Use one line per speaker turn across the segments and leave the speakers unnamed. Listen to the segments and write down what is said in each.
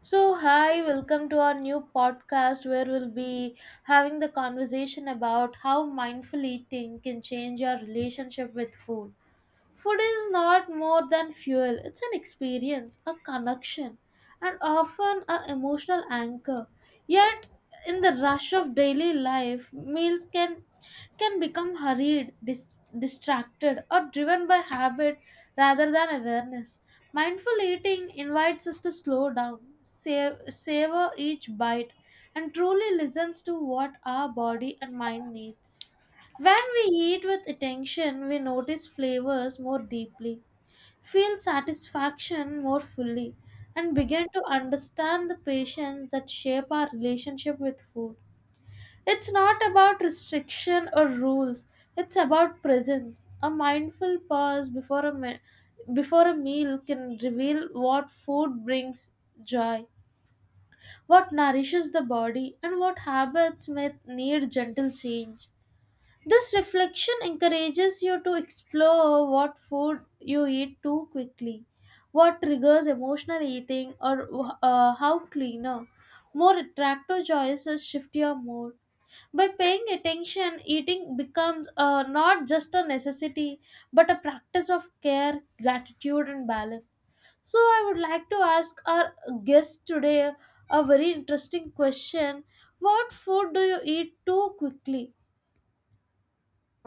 So, hi, welcome to our new podcast where we'll be having the conversation about how mindful eating can change our relationship with food. Food is not more than fuel, it's an experience, a connection, and often an emotional anchor. Yet, in the rush of daily life, meals can become hurried, distracted, or driven by habit rather than awareness. Mindful eating invites us to slow down, savor each bite, and truly listens to what our body and mind needs. When we eat with attention, we notice flavors more deeply, feel satisfaction more fully, and begin to understand the patience that shape our relationship with food. It's not about restriction or rules, it's about presence. A mindful pause before a meal can reveal what food brings joy, what nourishes the body, and what habits may need gentle change. This reflection encourages you to explore what food you eat too quickly, what triggers emotional eating, or how cleaner, more attractive choices shift your mood. By paying attention, eating becomes not just a necessity but a practice of care, gratitude, and balance. So, I would like to ask our guest today a very interesting question: what food do you eat too quickly?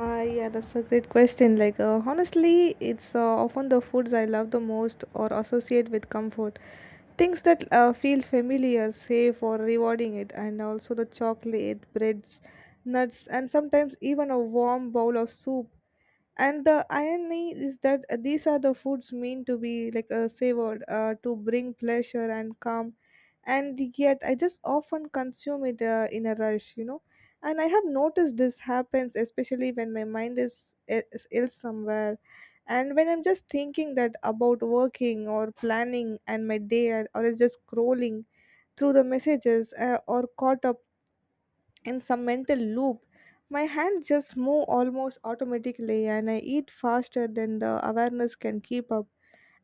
Yeah, that's a great question. Like, honestly, it's often the foods I love the most or associate with comfort. Things that feel familiar, safe, or rewarding it, and also the chocolate, breads, nuts, and sometimes even a warm bowl of soup. And the irony is that these are the foods meant to be savored, to bring pleasure and calm, and yet I just often consume it in a rush. You know, and I have noticed this happens especially when my mind is ill somewhere, and when I'm just thinking that about working or planning and my day or is just scrolling through the messages or caught up in some mental loop. My hands just move almost automatically and I eat faster than the awareness can keep up.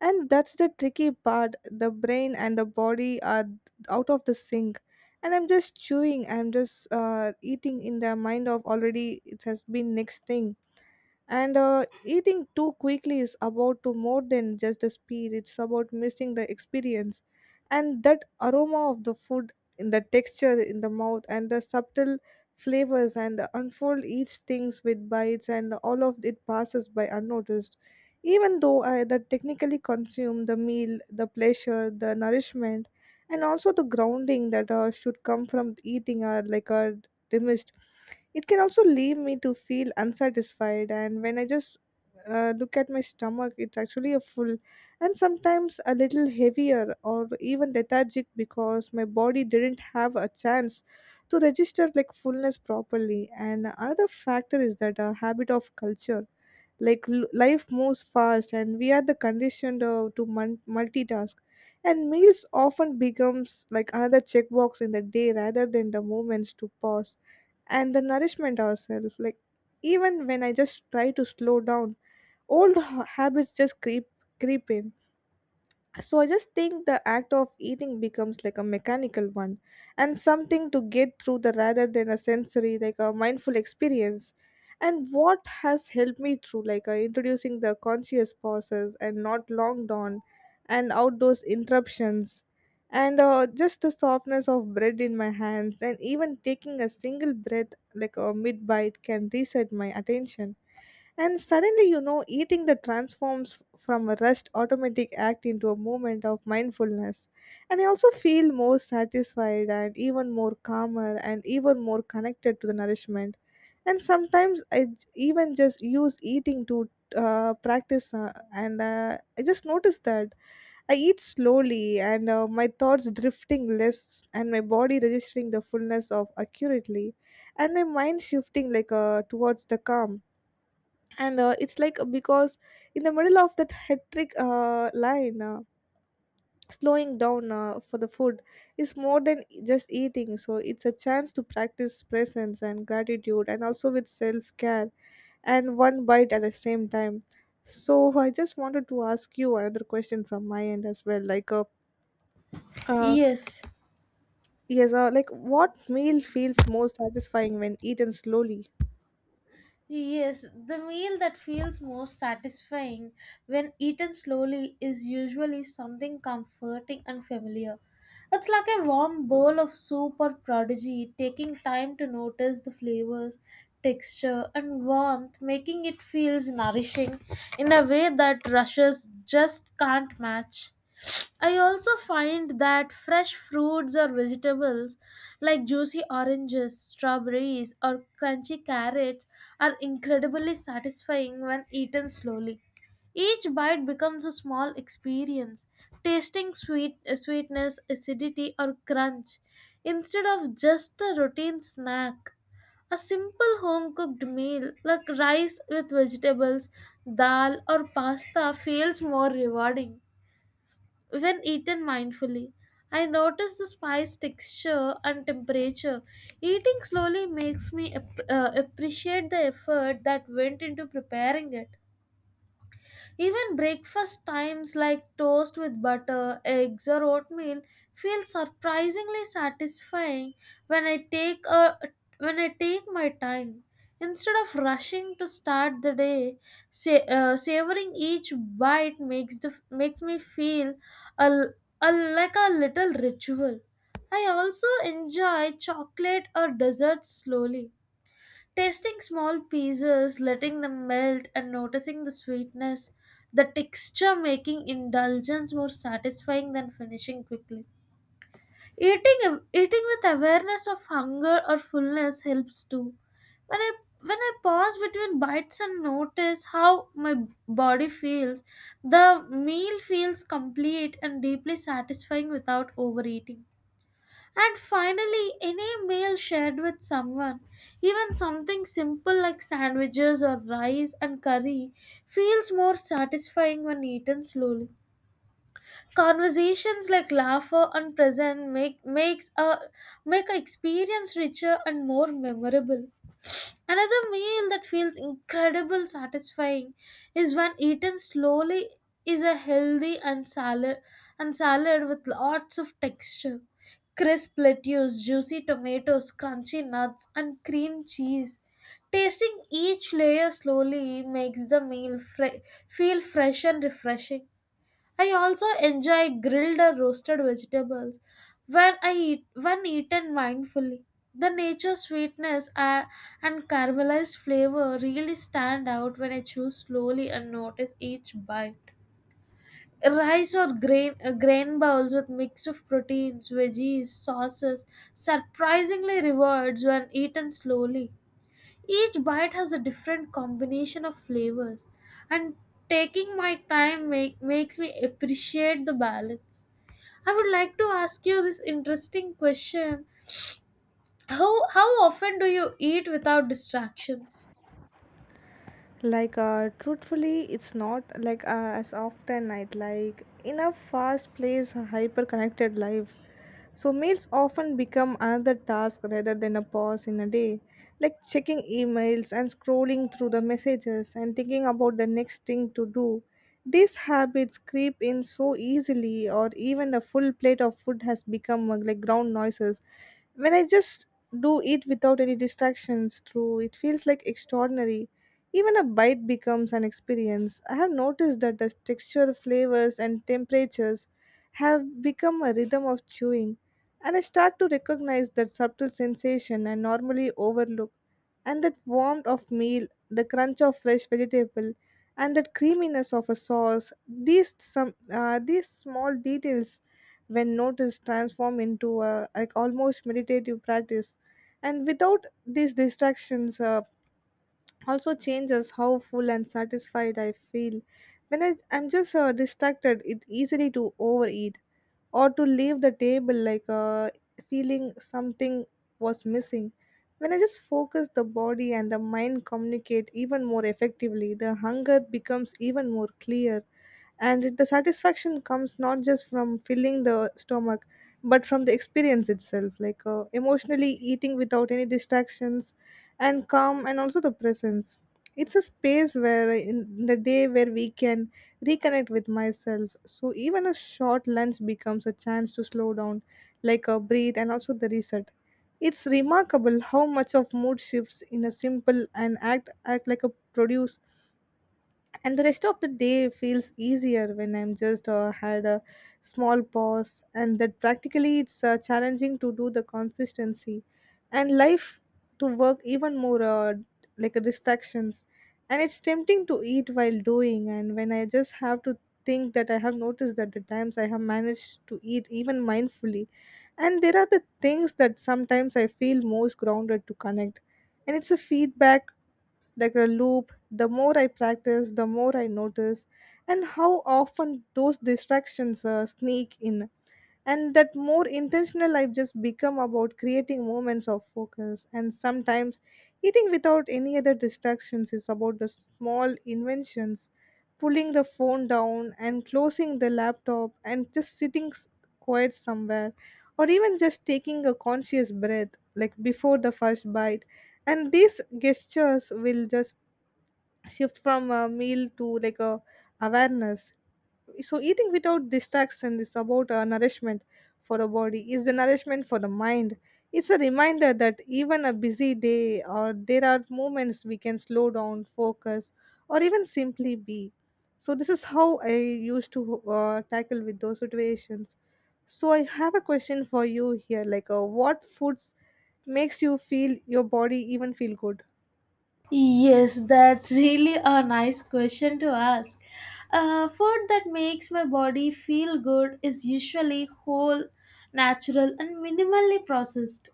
And that's the tricky part. The brain and the body are out of the sync. And I'm just chewing, I'm just eating in the mind of already it has been next thing. And eating too quickly is about to more than just the speed, it's about missing the experience. And that aroma of the food in the texture in the mouth and the subtle flavors and the unfold each things with bites, and all of it passes by unnoticed, even though I that technically consume the meal, the pleasure, the nourishment, and also the grounding that should come from eating are like are diminished. It can also leave me to feel unsatisfied, and when I just look at my stomach, it's actually a full and sometimes a little heavier or even lethargic because my body didn't have a chance to register like fullness properly. And another factor is that a habit of culture, like life moves fast and we are the conditioned to multitask, and meals often becomes like another checkbox in the day rather than the moments to pause and the nourishment ourselves. Like, even when I just try to slow down, old habits just creep in. So I just think the act of eating becomes like a mechanical one and something to get through the rather than a sensory, like a mindful experience. And what has helped me through like introducing the conscious pauses and not long dawn and outdoors interruptions, and just the softness of bread in my hands, and even taking a single breath like a mid bite can reset my attention. And suddenly, eating that transforms from a rushed automatic act into a moment of mindfulness. And I also feel more satisfied and even more calmer and even more connected to the nourishment. And sometimes I even just use eating to practice, and I just noticed that I eat slowly, and my thoughts drifting less, and my body registering the fullness of accurately, and my mind shifting towards the calm. And it's like because in the middle of that hectic line, slowing down for the food is more than just eating. So it's a chance to practice presence and gratitude and also with self-care, and one bite at the same time. So I just wanted to ask you another question from my end as well, uh
Yes.
yes, like what meal feels most satisfying when eaten slowly.
Yes, the meal that feels most satisfying when eaten slowly is usually something comforting and familiar. It's like a warm bowl of soup or prodigy, taking time to notice the flavors, texture, and warmth, making it feels nourishing in a way that rushes just can't match. I also find that fresh fruits or vegetables like juicy oranges, strawberries, or crunchy carrots are incredibly satisfying when eaten slowly. Each bite becomes a small experience, tasting sweetness, acidity, or crunch instead of just a routine snack. A simple home cooked meal like rice with vegetables, dal, or pasta feels more rewarding. When eaten mindfully, I notice the spice texture and temperature. Eating slowly makes me appreciate the effort that went into preparing it. Even breakfast times like toast with butter, eggs, or oatmeal feel surprisingly satisfying when I take a when I take my time. Instead of rushing to start the day, savoring each bite makes me feel a, l- a like a little ritual. I also enjoy chocolate or dessert slowly, tasting small pieces, letting them melt, and noticing the sweetness, the texture making indulgence more satisfying than finishing quickly. Eating with awareness of hunger or fullness helps too. When I when I pause between bites and notice how my body feels, the meal feels complete and deeply satisfying without overeating. And finally, any meal shared with someone, even something simple like sandwiches or rice and curry, feels more satisfying when eaten slowly. Conversations like laughter and present make a experience richer and more memorable. Another meal that feels incredible satisfying is when eaten slowly is a healthy and salad with lots of texture. Crisp lettuce, juicy tomatoes, crunchy nuts and cream cheese. Tasting each layer slowly makes the feel fresh and refreshing. I also enjoy grilled or roasted vegetables when eaten mindfully. The nature sweetness and caramelized flavor really stand out when I chew slowly and notice each bite. Rice or grain grain bowls with mix of proteins, veggies, sauces surprisingly rewards when eaten slowly. Each bite has a different combination of flavors, and taking my time makes me appreciate the balance. I would like to ask you this interesting question. How often do you eat without distractions?
Like, truthfully it's not like as often night like in a fast paced hyper connected life. So meals often become another task rather than a pause in a day, like checking emails and scrolling through the messages and thinking about the next thing to do. These habits creep in so easily, or even a full plate of food has become like ground noises. When I just do it without any distractions through, it feels like extraordinary. Even a bite becomes an experience. I have noticed that the texture, flavors, and temperatures have become a rhythm of chewing, and I start to recognize that subtle sensation I normally overlook, and that warmth of meal, the crunch of fresh vegetable, and that creaminess of a sauce. These small details, when noticed, transform into a like almost meditative practice, and without these distractions. Also changes how full and satisfied I feel. When I'm just distracted, it easily to overeat or to leave the table like feeling something was missing. When I just focus, the body and the mind communicate even more effectively, the hunger becomes even more clear. And the satisfaction comes not just from filling the stomach, but from the experience itself, like emotionally eating without any distractions and calm and also the presence. It's a space where in the day where we can reconnect with myself. So even a short lunch becomes a chance to slow down, like a breathe and also the reset. It's remarkable how much of mood shifts in a simple and act like a produce, and the rest of the day feels easier when I'm just had a small pause. And that practically it's challenging to do the consistency, and life to work even more like a distractions, and it's tempting to eat while doing. And when I just have to think that I have noticed that the times I have managed to eat even mindfully, and there are the things that sometimes I feel most grounded to connect. And it's a feedback like a loop. The more I practice, the more I notice and how often those distractions sneak in, and that more intentional I've just become about creating moments of focus. And sometimes eating without any other distractions is about the small inventions, pulling the phone down and closing the laptop and just sitting quiet somewhere, or even just taking a conscious breath like before the first bite. And these gestures will just shift from a meal to like a awareness. So eating without distraction is about nourishment for a body is the nourishment for the mind. It's a reminder that even a busy day or there are moments we can slow down focus or even simply be. So this is how I used to tackle with those situations. So I have a question for you here, like what foods makes you feel your body even feel good.
Yes, that's really a nice question to ask. Food that makes my body feel good is usually whole, natural, and minimally processed.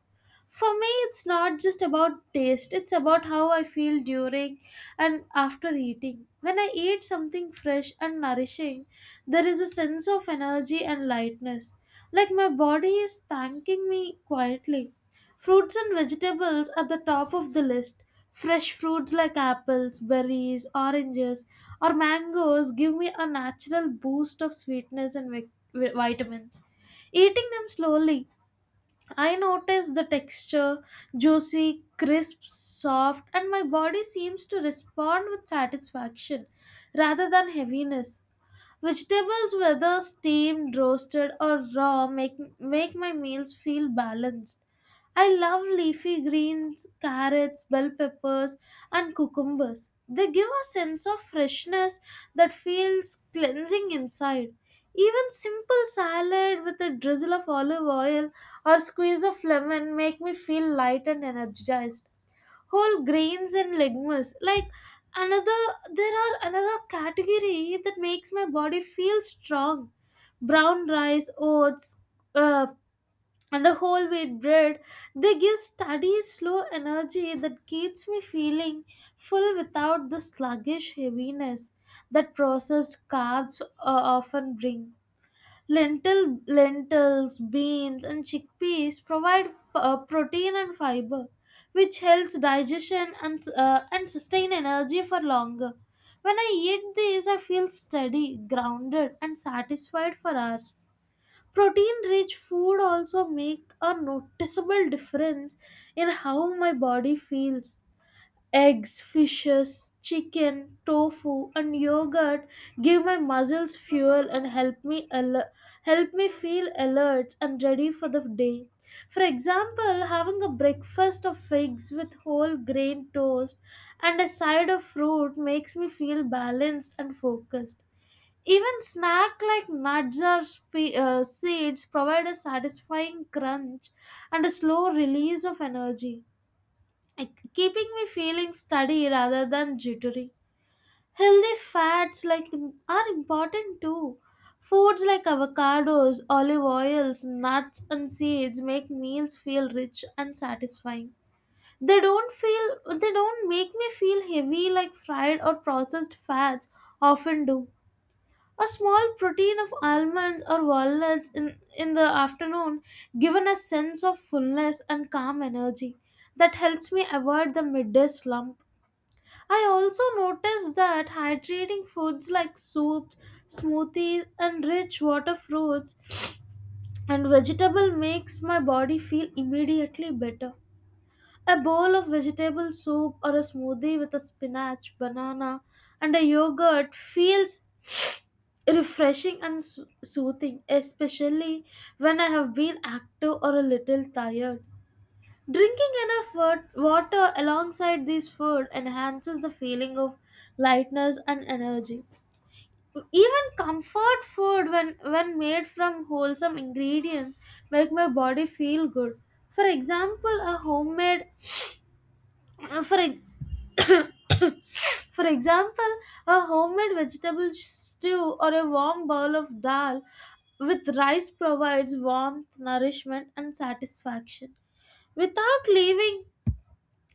For me, it's not just about taste, it's about how I feel during and after eating. When I eat something fresh and nourishing, there is a sense of energy and lightness, like my body is thanking me quietly. Fruits and vegetables are the top of the list. Fresh fruits like apples, berries, oranges, or mangoes give me a natural boost of sweetness and vitamins. Eating them slowly, I notice the texture juicy, crisp, soft, and my body seems to respond with satisfaction rather than heaviness. Vegetables, whether steamed, roasted, or raw, make my meals feel balanced. I love leafy greens, carrots, bell peppers, and cucumbers. They give a sense of freshness that feels cleansing inside. Even simple salad with a drizzle of olive oil or squeeze of lemon make me feel light and energized. Whole grains and legumes like another there are another category that makes my body feel strong: brown rice, oats, uh, and a whole wheat bread. They give steady slow energy that keeps me feeling full without the sluggish heaviness that processed carbs often bring. Lentils, beans, and chickpeas provide protein and fiber, which helps digestion and sustain energy for longer. When I eat these, I feel steady, grounded, and satisfied for hours. Protein-rich food also make a noticeable difference in how my body feels. Eggs, fishes, chicken, tofu, and yogurt give my muscles fuel and help me feel alert and ready for the day. For example, having a breakfast of figs with whole grain toast and a side of fruit makes me feel balanced and focused. Even snack like nuts or seeds provide a satisfying crunch and a slow release of energy. Like, keeping me feeling steady rather than jittery. Healthy fats are important too. Foods like avocados, olive oils, nuts and seeds make meals feel rich and satisfying. They don't make me feel heavy like fried or processed fats often do. A small protein of almonds or walnuts in the afternoon given a sense of fullness and calm energy that helps me avoid the midday slump. I also noticed that hydrating foods like soups, smoothies, and rich water fruits and vegetable makes my body feel immediately better. A bowl of vegetable soup or a smoothie with a spinach, banana, and a yogurt feels refreshing and soothing, especially when I have been active or a little tired. Drinking enough water alongside this food enhances the feeling of lightness and energy. Even comfort food, when made from wholesome ingredients, make my body feel good. For example, a homemade for ex- For example, a homemade vegetable stew or a warm bowl of dal with rice provides warmth, nourishment, and satisfaction. Without leaving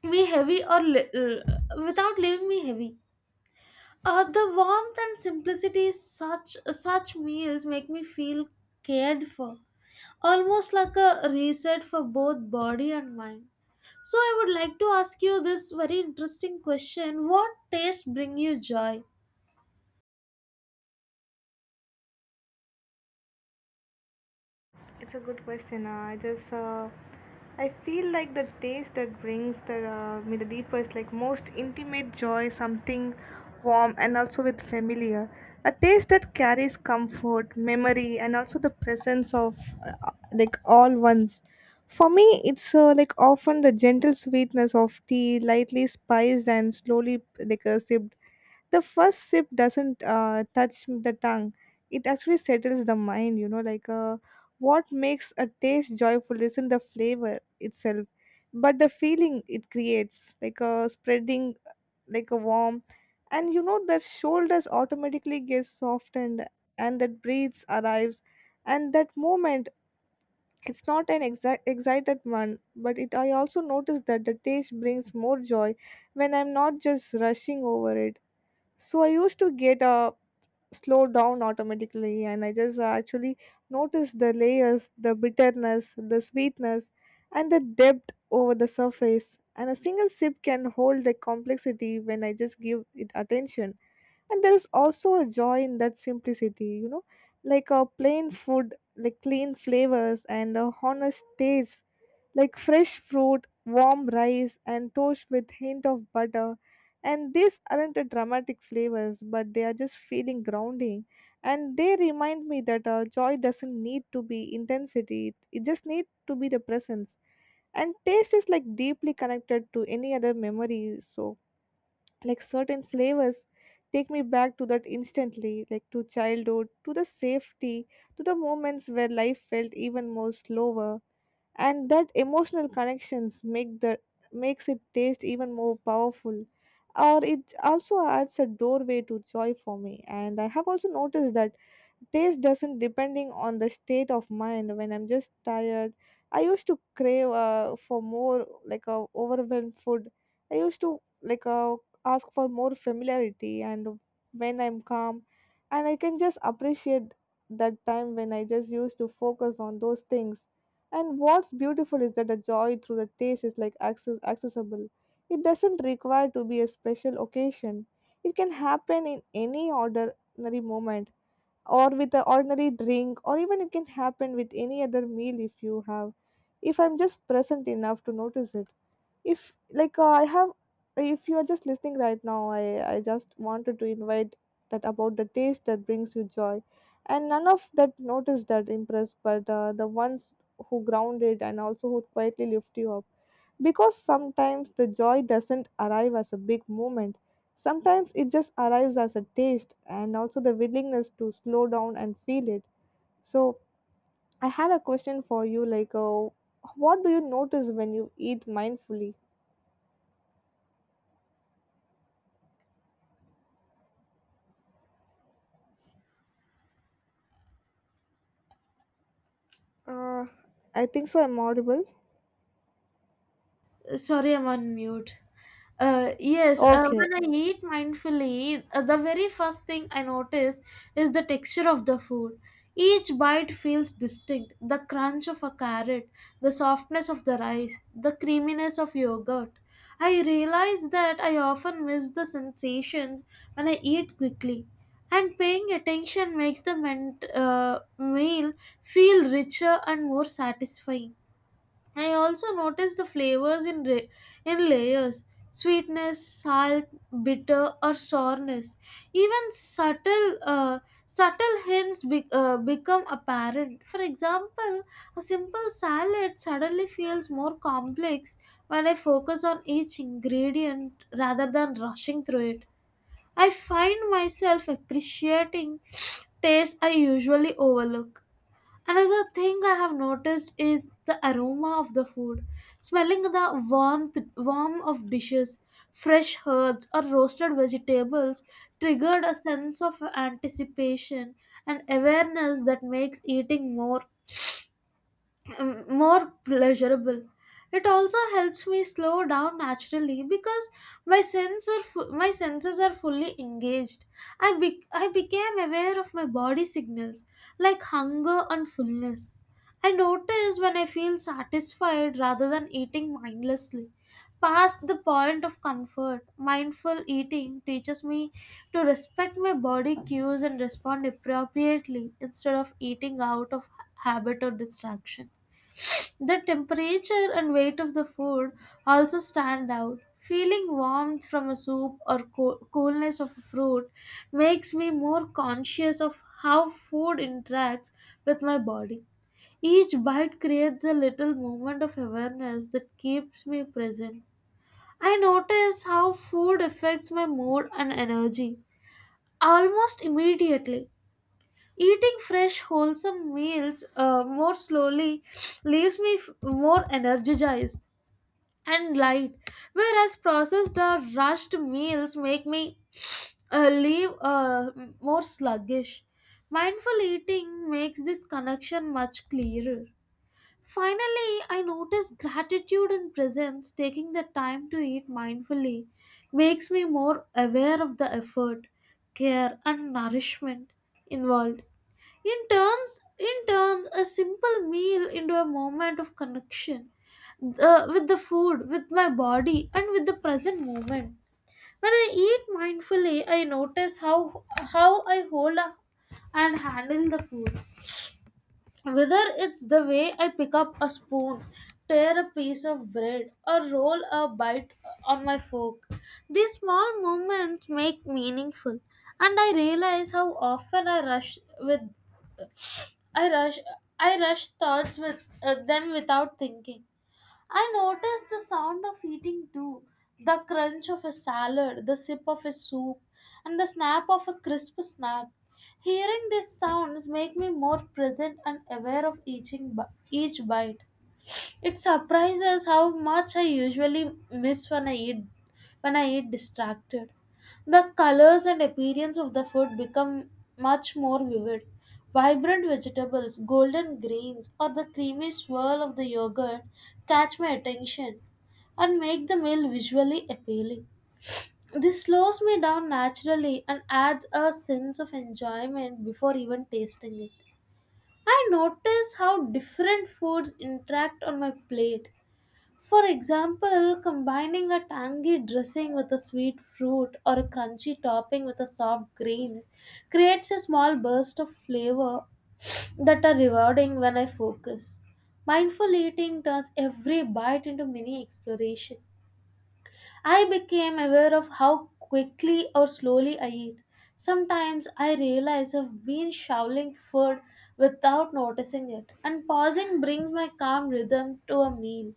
me heavy or li- without leaving me heavy. The warmth and simplicity such such meals make me feel cared for, almost like a reset for both body and mind. So I would like to ask you this very interesting question: what tastes bring you joy?
It's a good question. I feel like the taste that brings the me the deepest, like most intimate joy, something warm and also with familiar. A taste that carries comfort, memory, and also the presence of all ones. For me, it's often the gentle sweetness of tea, lightly spiced and slowly sipped. The first sip doesn't touch the tongue, it actually settles the mind. You know, what makes a taste joyful isn't the flavor itself but the feeling it creates, like a spreading, like a warm. And you know that shoulders automatically gets softened, and that breeze arrives, and that moment. It's not an excited one. But it, I also noticed that the taste brings more joy when I'm not just rushing over it. So I used to get slow down automatically, and I just actually noticed the layers, the bitterness, the sweetness, and the depth over the surface. And a single sip can hold the complexity when I just give it attention. And there is also a joy in that simplicity, like a plain food, like clean flavors and a honest taste, like fresh fruit, warm rice, and toast with hint of butter. And these aren't a dramatic flavors, but they are just feeling grounding. And they remind me that joy doesn't need to be intensity; it just needs to be the presence. And taste is like deeply connected to any other memory. So, like certain flavors take me back to that instantly, like to childhood, to the safety, to the moments where life felt even more slower. And that emotional connections make the makes it taste even more powerful, or it also adds a doorway to joy for me. And I have also noticed that taste doesn't depending on the state of mind. When I'm just tired, I used to crave for more like overwhelmed food. I used to ask for more familiarity. And when I'm calm, and I can just appreciate that time when I just used to focus on those things. And what's beautiful is that the joy through the taste is like accessible. It doesn't require to be a special occasion. It can happen in any ordinary moment, or with an ordinary drink, or even it can happen with any other meal if you have, if I'm just present enough to notice it. If if you are just listening right now, I just wanted to invite that about the taste that brings you joy, and none of that notice that impress, but the ones who grounded and also who quietly lift you up. Because sometimes the joy doesn't arrive as a big moment. Sometimes it just arrives as a taste and also the willingness to slow down and feel it. So I have a question for you what do you notice when you eat mindfully? Uh, I think so. I'm audible.
Sorry, I'm on mute. Yes,
Okay.
when I eat mindfully, the very first thing I notice is the texture of the food. Each bite feels distinct: the crunch of a carrot, the softness of the rice, the creaminess of yogurt. I realize that I often miss the sensations when I eat quickly, and paying attention makes the meal feel richer and more satisfying. I also notice the flavors in layers: sweetness, salt, bitter, or sourness. Even subtle hints become apparent. For example, a simple salad suddenly feels more complex when I focus on each ingredient rather than rushing through it. I find myself appreciating taste I usually overlook. Another thing I have noticed is the aroma of the food. Smelling the warm of dishes, fresh herbs or roasted vegetables triggered a sense of anticipation and awareness that makes eating more more pleasurable. It also helps me slow down naturally because my senses are fully engaged. I became aware of my body signals like hunger and fullness. I notice when I feel satisfied rather than eating mindlessly. Past the point of comfort, mindful eating teaches me to respect my body cues and respond appropriately instead of eating out of habit or distraction. The temperature and weight of the food also stand out. Feeling warmth from a soup or coolness of a fruit makes me more conscious of how food interacts with my body. Each bite creates a little moment of awareness that keeps me present. I notice how food affects my mood and energy almost immediately. Eating fresh, wholesome meals more slowly leaves me more energized and light, whereas processed or rushed meals make me leave more sluggish. Mindful eating makes this connection much clearer. Finally, I noticed gratitude and presence, taking the time to eat mindfully, makes me more aware of the effort, care, and nourishment involved. In turns, a simple meal into a moment of connection with the food, with my body, and with the present moment. When I eat mindfully, I notice how I hold up and handle the food, whether it's the way I pick up a spoon, tear a piece of bread, or roll a bite on my fork. These small moments make meaningful, and I realize how often I rush I rush thoughts with them without thinking. I noticed the sound of eating too: the crunch of a salad, the sip of a soup, and the snap of a crisp snack. Hearing these sounds make me more present and aware of each bite. It surprises how much I usually miss when I eat distracted. The colors and appearance of the food become much more vivid. Vibrant vegetables, golden greens, or the creamy swirl of the yogurt catch my attention and make the meal visually appealing. This slows me down naturally and adds a sense of enjoyment before even tasting it. I notice how different foods interact on my plate. For example, combining a tangy dressing with a sweet fruit or a crunchy topping with a soft grain creates a small burst of flavor that are rewarding when I focus. Mindful eating turns every bite into mini exploration. I became aware of how quickly or slowly I eat. Sometimes I realize I've been shoveling food without noticing it, and pausing brings my calm rhythm to a meal.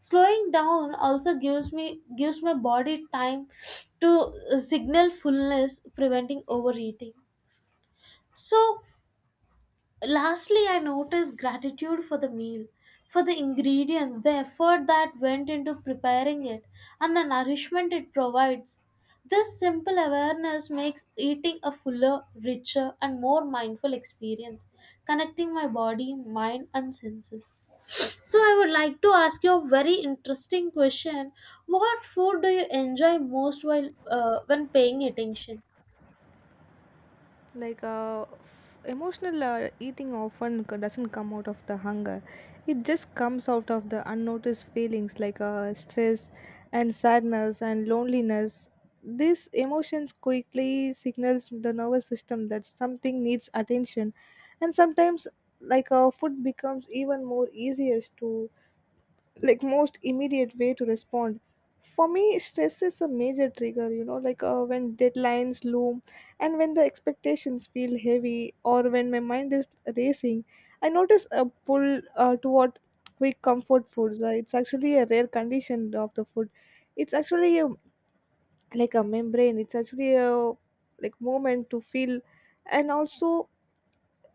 Slowing down also gives my body time to signal fullness, preventing overeating. So, lastly, I notice gratitude for the meal, for the ingredients, the effort that went into preparing it, and the nourishment it provides. This simple awareness makes eating a fuller, richer, and more mindful experience, connecting my body, mind, and senses. So I would like to ask you a very interesting question. What food do you enjoy most while when paying attention?
Emotional eating often doesn't come out of the hunger. It just comes out of the unnoticed feelings stress and sadness and loneliness. These emotions quickly signals the nervous system that something needs attention, and sometimes food becomes even more easiest to like most immediate way to respond for me. Stress is a major trigger, when deadlines loom and when the expectations feel heavy or when my mind is racing. I notice a pull toward quick comfort foods. It's actually a rare condition of the food. it's actually a, like a membrane, it's actually a like moment to feel, and also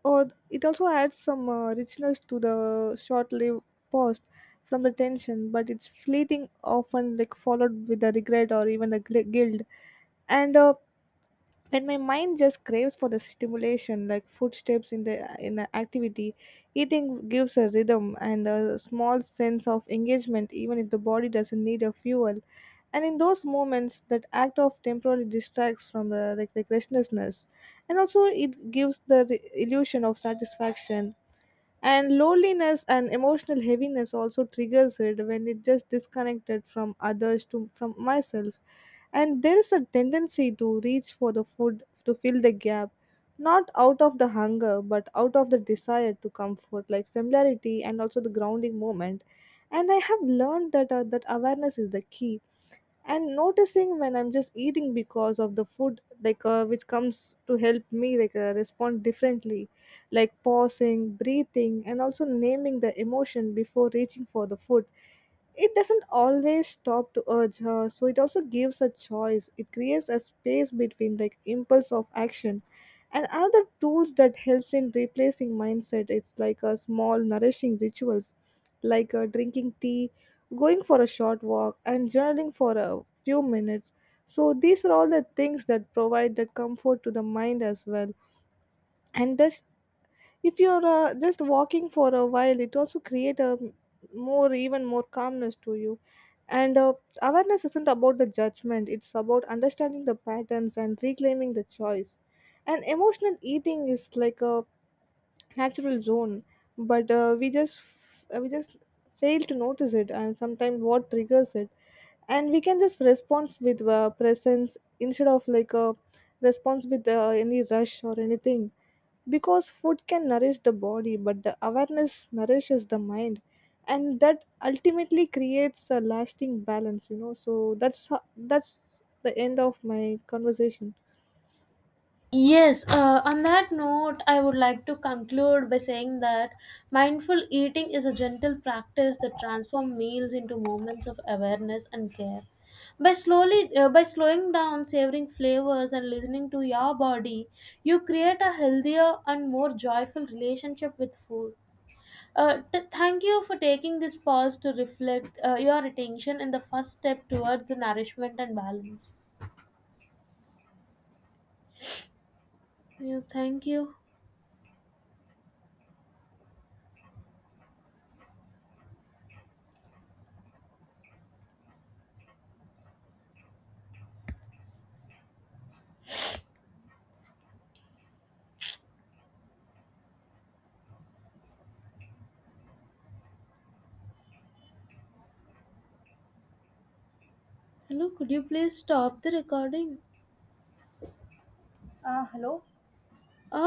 or it also adds some richness to the short-lived post from the tension, but it's fleeting, often like followed with a regret or even a guilt. And when my mind just craves for the stimulation like footsteps in the in a activity, eating gives a rhythm and a small sense of engagement even if the body doesn't need a fuel. And in those moments that act of temporarily distracts from the like the restlessness, and also it gives the illusion of satisfaction. And loneliness and emotional heaviness also triggers it when it just disconnected from others to from myself, and there is a tendency to reach for the food to fill the gap, not out of the hunger but out of the desire to comfort like familiarity and also the grounding moment. And I have learned that that awareness is the key, and noticing when I'm just eating because of the food which comes to help me respond differently, like pausing, breathing, and also naming the emotion before reaching for the food. It doesn't always stop to urge her, so it also gives a choice. It creates a space between like impulse of action. And another tools that helps in replacing mindset, it's like a small nourishing rituals, drinking tea, going for a short walk, and journaling for a few minutes. So these are all the things that provide that comfort to the mind as well. And just if you're just walking for a while, it also create a more even more calmness to you. And awareness isn't about the judgment; it's about understanding the patterns and reclaiming the choice. And emotional eating is like a natural zone, but we just fail to notice it, and sometimes what triggers it, and we can just respond with presence instead of like a response with any rush or anything, because food can nourish the body but the awareness nourishes the mind, and that ultimately creates a lasting balance, you know. So that's the end of my conversation.
Yes, on that note, I would like to conclude by saying that mindful eating is a gentle practice that transforms meals into moments of awareness and care. By slowing down, savoring flavors, and listening to your body, you create a healthier and more joyful relationship with food. Thank you for taking this pause to reflect your attention in the first step towards the nourishment and balance. Yeah, thank you. Hello, could you please stop the recording?
Hello.
Ah.